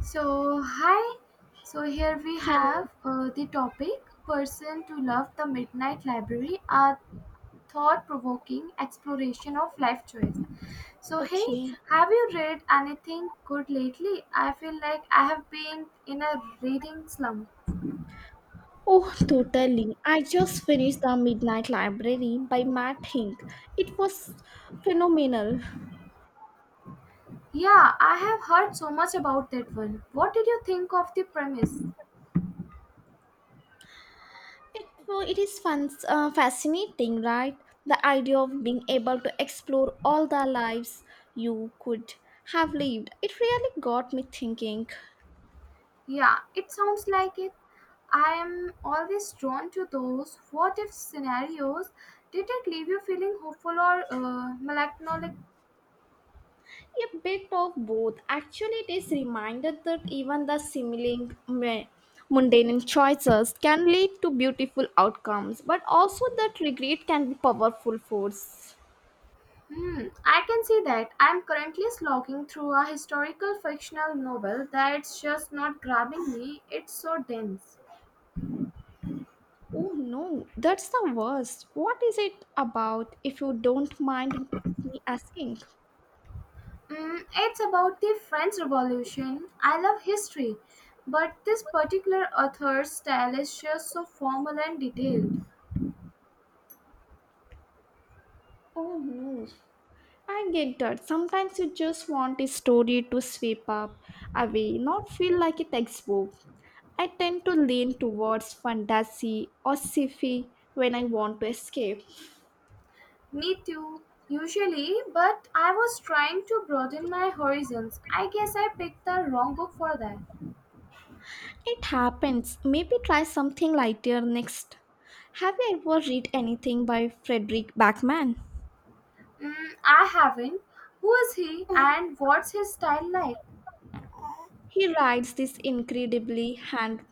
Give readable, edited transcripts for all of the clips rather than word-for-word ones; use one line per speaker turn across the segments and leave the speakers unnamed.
So, hi. So, here we
Hello.
have the topic Person to Love the Midnight Library, a thought provoking exploration of life choice. So, hey,
Okay.
have you read anything good lately? I feel like I have been in a reading slump.
Oh, totally. I just finished The Midnight Library by Matt Hink. It was phenomenal.
Yeah, I have heard so much about that one. What did you think of the premise?
It is fun, fascinating, right? The idea of being able to explore all the lives you could have lived. It really got me thinking.
Yeah, it sounds like it. I am always drawn to those what if scenarios. Did it leave you feeling hopeful or melancholic?
A bit of both. Actually, it is reminded that even the seemingly mundane choices can lead to beautiful outcomes, but also that regret can be powerful force.
Hmm, I can see that. I am currently slogging through a historical fictional novel that's just not grabbing me. It's so dense.
Oh no, that's the worst. What is it about if you don't mind me asking?
Mm, it's about the French Revolution. I love history, but this particular author's style is just so formal and detailed.
Oh no, I get that. Sometimes you just want a story to sweep up away, not feel like a textbook. I tend to lean towards fantasy or sci-fi when I want to escape.
Me too, usually, but I was trying to broaden my horizons. I guess I picked the wrong book for that.
It happens. Maybe try something lighter next. Have you ever read anything by Frederick Backman?
Mm, I haven't. Who is he and what's his style like?
He writes these incredibly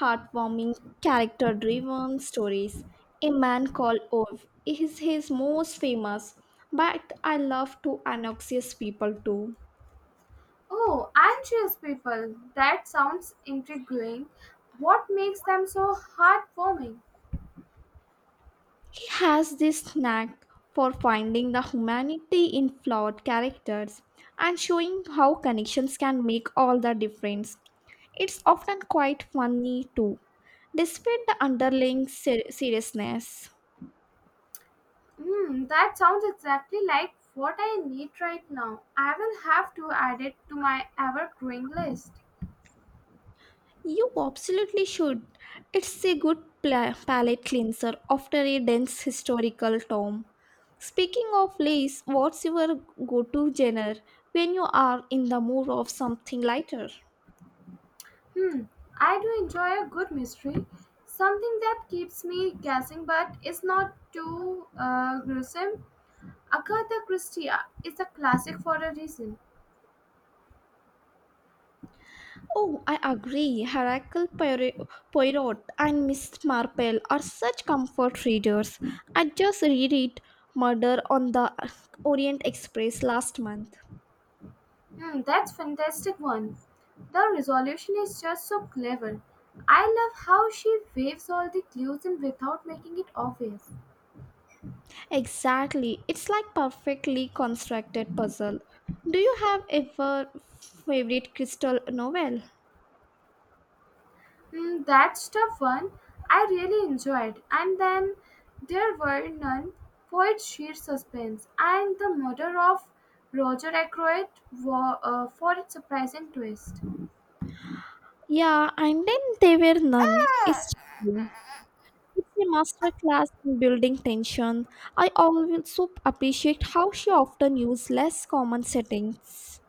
heartwarming, character driven stories. A Man Called Ove is his most famous, but I love to annoxious people too.
Oh, anxious people. That sounds intriguing. What makes them so heartwarming?
He has this knack for finding the humanity in flawed characters and showing how connections can make all the difference. It's often quite funny too, despite the underlying seriousness.
Mm, that sounds exactly like what I need right now. I will have to add it to my ever growing list.
You absolutely should. It's a good palate cleanser after a dense historical tome. Speaking of lace, what's your go to genre when you are in the mood of something lighter?
Hmm, I do enjoy a good mystery. Something that keeps me guessing but is not too gruesome. Agatha Christie is a classic for a reason.
Oh, I agree. Hercule Poirot and Miss Marple are such comfort readers. I just read it Murder on the Orient Express last month.
Hmm, that's fantastic one. The resolution is just so clever. I love how she waves all the clues in without making it obvious.
Exactly. It's like perfectly constructed puzzle. Do you have ever favorite crystal novel?
Mm, that's tough one. I really enjoyed. And then there were none. Poet sheer suspense and the murder of Roger Ackroyd for its surprising twist.
Yeah, and then there were none. It's chilling. It's a master class in building tension. I also appreciate how she often used less common settings.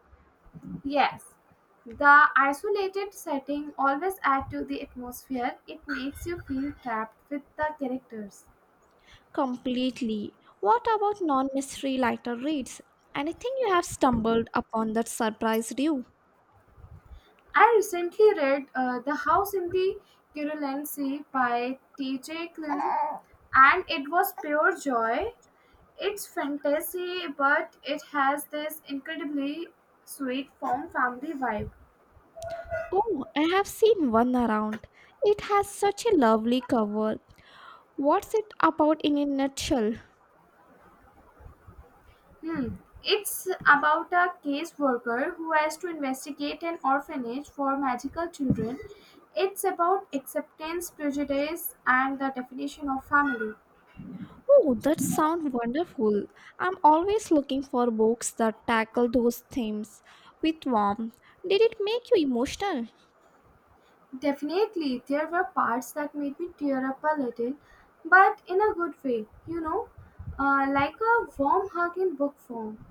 Yes, the isolated setting always add to the atmosphere. It makes you feel trapped with the characters.
Completely. What about non-mystery lighter reads? Anything you have stumbled upon that surprised you?
I recently read The House in the Curulain by T.J. Klin, and it was pure joy. It's fantasy, but it has this incredibly sweet found family vibe.
Oh, I have seen one around. It has such a lovely cover. What's it about in a nutshell?
Hmm. It's about a caseworker who has to investigate an orphanage for magical children. It's about acceptance, prejudice, and the definition of family.
Oh, that sounds wonderful. I'm always looking for books that tackle those themes with warmth. Did it make you emotional?
Definitely, there were parts that made me tear up a little, but in a good way, you know, like a warm hug in book form.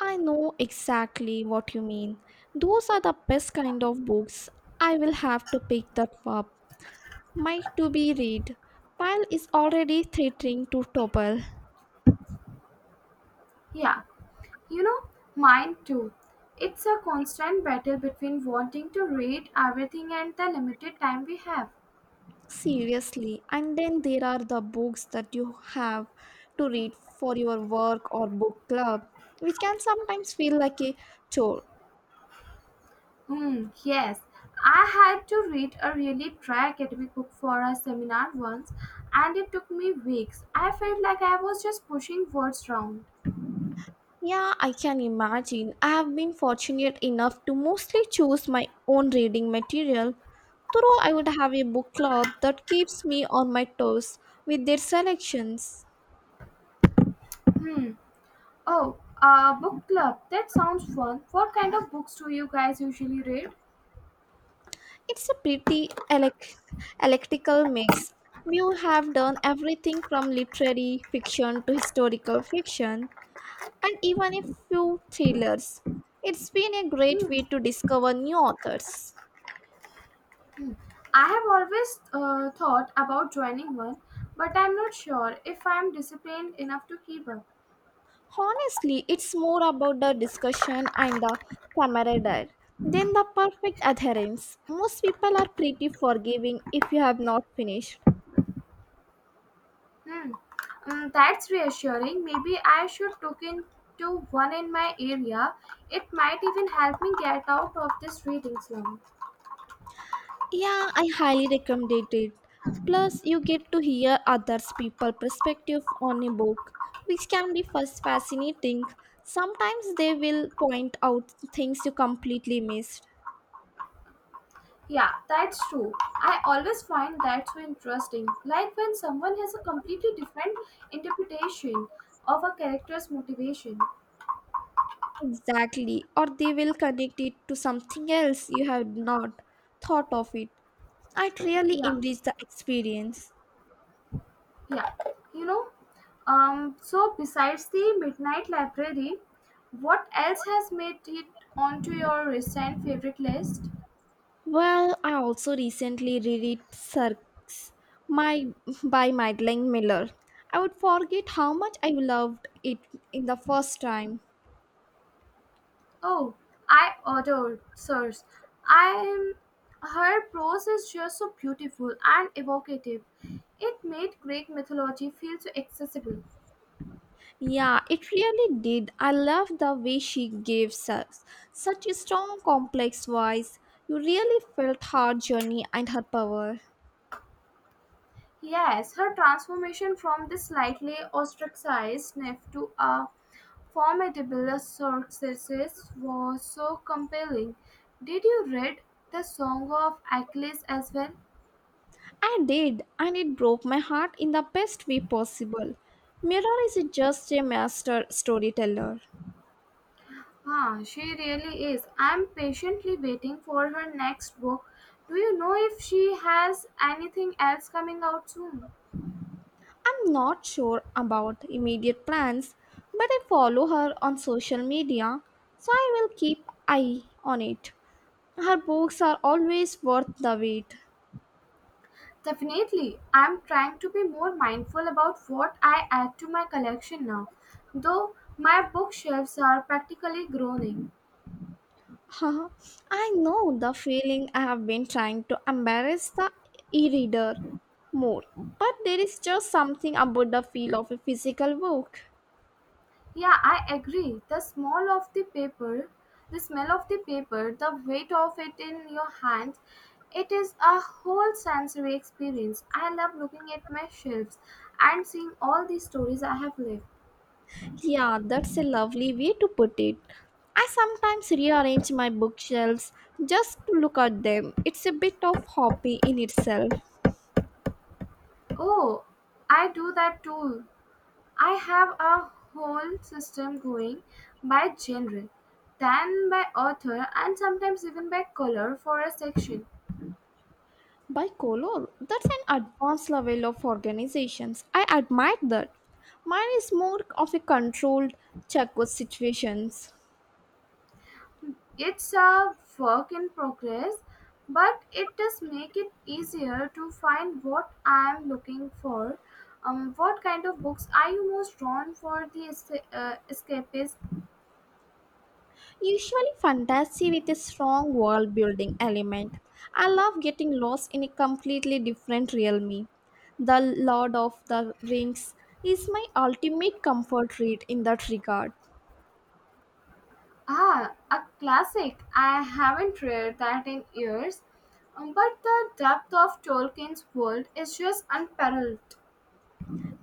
I know exactly what you mean. Those are the best kind of books. I will have to pick that up. My to be read pile is already threatening to topple.
Yeah, you know, mine too. It's a constant battle between wanting to read everything and the limited time we have.
Seriously. And then there are the books that you have to read for your work or book club, which can sometimes feel like a chore.
Hmm, yes. I had to read a really dry academic book for a seminar once and it took me weeks. I felt like I was just pushing words around.
Yeah, I can imagine. I have been fortunate enough to mostly choose my own reading material, though I would have a book club that keeps me on my toes with their selections.
Hmm. Oh, a book club. That sounds fun. What kind of books do you guys usually read?
It's a pretty electrical mix. We have done everything from literary fiction to historical fiction, and even a few thrillers. It's been a great
Hmm.
way to discover new authors.
I have always thought about joining one, but I'm not sure if I'm disciplined enough to keep up.
Honestly, it's more about the discussion and the camaraderie than the perfect adherence. Most people are pretty forgiving if you have not finished.
Hmm. Mm, that's reassuring. Maybe I should look into one in my area. It might even help me get out of this reading slump.
Yeah, I highly recommend it. Plus, you get to hear others' people perspective on a book, which can be first fascinating. Sometimes they will point out things you completely missed.
Yeah, that's true. I always find that so interesting. Like when someone has a completely different interpretation of a character's motivation.
Exactly. Or they will connect it to something else you have not thought of it. It really
Yeah.
enrich the experience.
Yeah, you know, so besides the Midnight Library, what else has made it onto your recent favorite list?
Well, I also recently reread Cirques my, by Madeline Miller. I would forget how much I loved it in the first time.
Oh, I adored Sirs. I Her prose is just so beautiful and evocative. It made Greek mythology feel so accessible.
Yeah, it really did. I love the way she gives us such a strong, complex voice. You really felt her journey and her power.
Yes, her transformation from the slightly ostracized Neff to a formidable success was so compelling. Did you read the Song of Achilles as well?
I did, and it broke my heart in the best way possible. Mirror is just a master storyteller.
Ah, she really is. I'm patiently waiting for her next book. Do you know if she has anything else coming out soon?
I'm not sure about immediate plans, but I follow her on social media, so I will keep eye on it. Her books are always worth the wait.
Definitely, I'm trying to be more mindful about what I add to my collection now, though my bookshelves are practically groaning.
Haha, I know the feeling I have been trying to embarrass the e-reader more, but there is just something about the feel of a physical book.
Yeah, I agree. The smell of the paper, the weight of it in your hands, it is a whole sensory experience. I love looking at my shelves and seeing all the stories I have lived.
Yeah, that's a lovely way to put it. I sometimes rearrange my bookshelves just to look at them. It's a bit of hobby in itself.
Oh, I do that too. I have a whole system going by genre, then by author, and sometimes even by color for a section.
By color, that's an advanced level of organizations. I admire that. Mine is more of a controlled check with situations.
It's a work in progress, but it does make it easier to find what I'm looking for. What kind of books are you most drawn for the escapist?
Usually, fantasy with a strong world building element. I love getting lost in a completely different realm. The Lord of the Rings is my ultimate comfort read in that regard.
Ah, a classic. I haven't read that in years. But the depth of Tolkien's world is just unparalleled.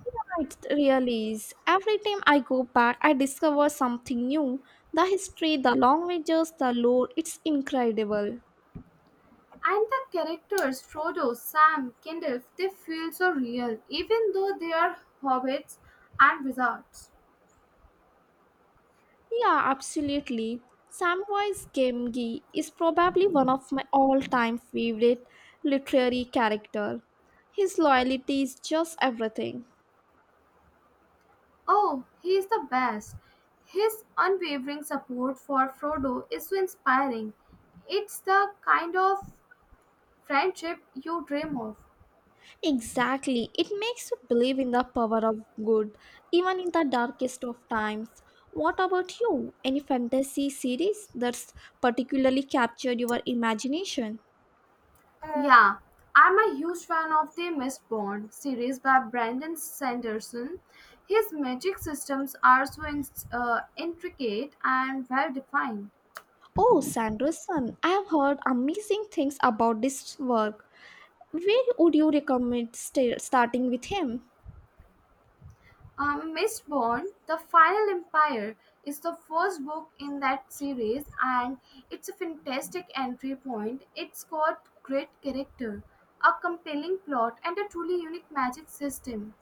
Yeah, it really is. Every time I go back, I discover something new. The history, the languages, the lore, it's incredible.
And the characters Frodo, Sam, Gandalf, they feel so real, even though they are hobbits and wizards.
Yeah, absolutely. Samwise Gamgee is probably one of my all-time favorite literary character. His loyalty is just everything.
Oh, he is the best. His unwavering support for Frodo is so inspiring. It's the kind of friendship you dream of.
Exactly. It makes you believe in the power of good, even in the darkest of times. What about you? Any fantasy series that's particularly captured your imagination?
Yeah, I'm a huge fan of the Mist Bond series by Brandon Sanderson. His magic systems are so intricate and well defined.
Oh, Sanderson, I have heard amazing things about this work. Where would you recommend starting with him?
Miss Bond, The Final Empire is the first book in that series and it's a fantastic entry point. It's got great character, a compelling plot, and a truly unique magic system.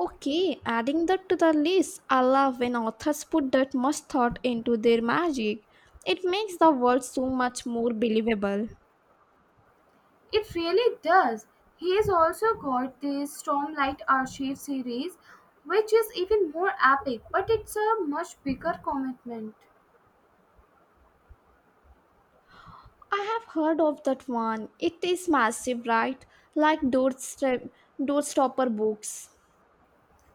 Okay, adding that to the list, I love when authors put that much thought into their magic. It makes the world so much more believable.
It really does. He has also got the Stormlight Archive series, which is even more epic, but it's a much bigger commitment.
I have heard of that one. It is massive, right? Like doorstopper books.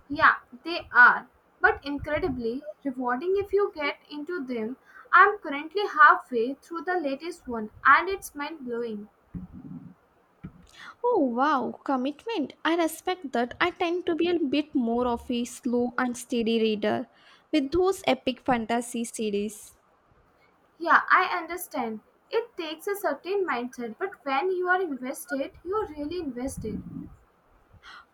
Yeah, they are, but incredibly rewarding if you get into them. I'm currently halfway through the latest one and it's mind blowing.
Oh wow, commitment. I respect that. I tend to be a bit more of a slow and steady reader with those epic fantasy series.
Yeah, I understand. It takes a certain mindset, but when you are invested, you're really invested.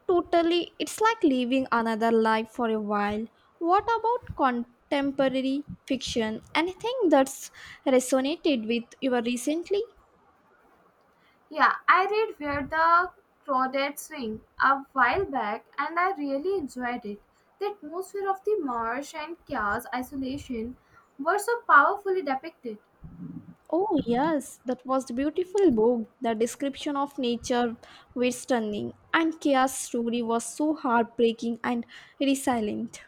Totally, it's like living another life for a while. What about contemporary fiction? Anything that's resonated with you recently?
Yeah, I read Where the Crawdads Swing a while back and I really enjoyed it. The atmosphere of the marsh and chaos isolation were so powerfully depicted.
Oh, yes, that was the beautiful book. The description of nature was stunning, and Kia's story was so heartbreaking and resilient.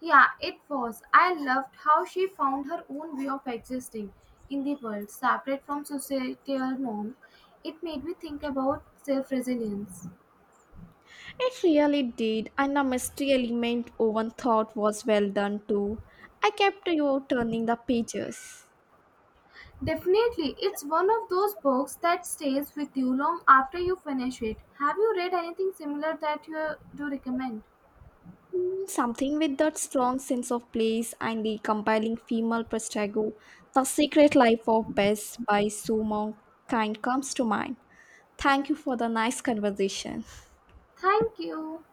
Yeah, it was. I loved how she found her own way of existing in the world, separate from societal norms. It made me think about self resilience.
It really did, and the mystery element Owen thought was well done too. I kept you turning the pages.
Definitely, it's one of those books that stays with you long after you finish it. Have you read anything similar that you do recommend?
Mm, something with that strong sense of place and the compelling female protagonist, The Secret Life of Bess by Sue Kind comes to mind. Thank you for the nice conversation.
Thank you.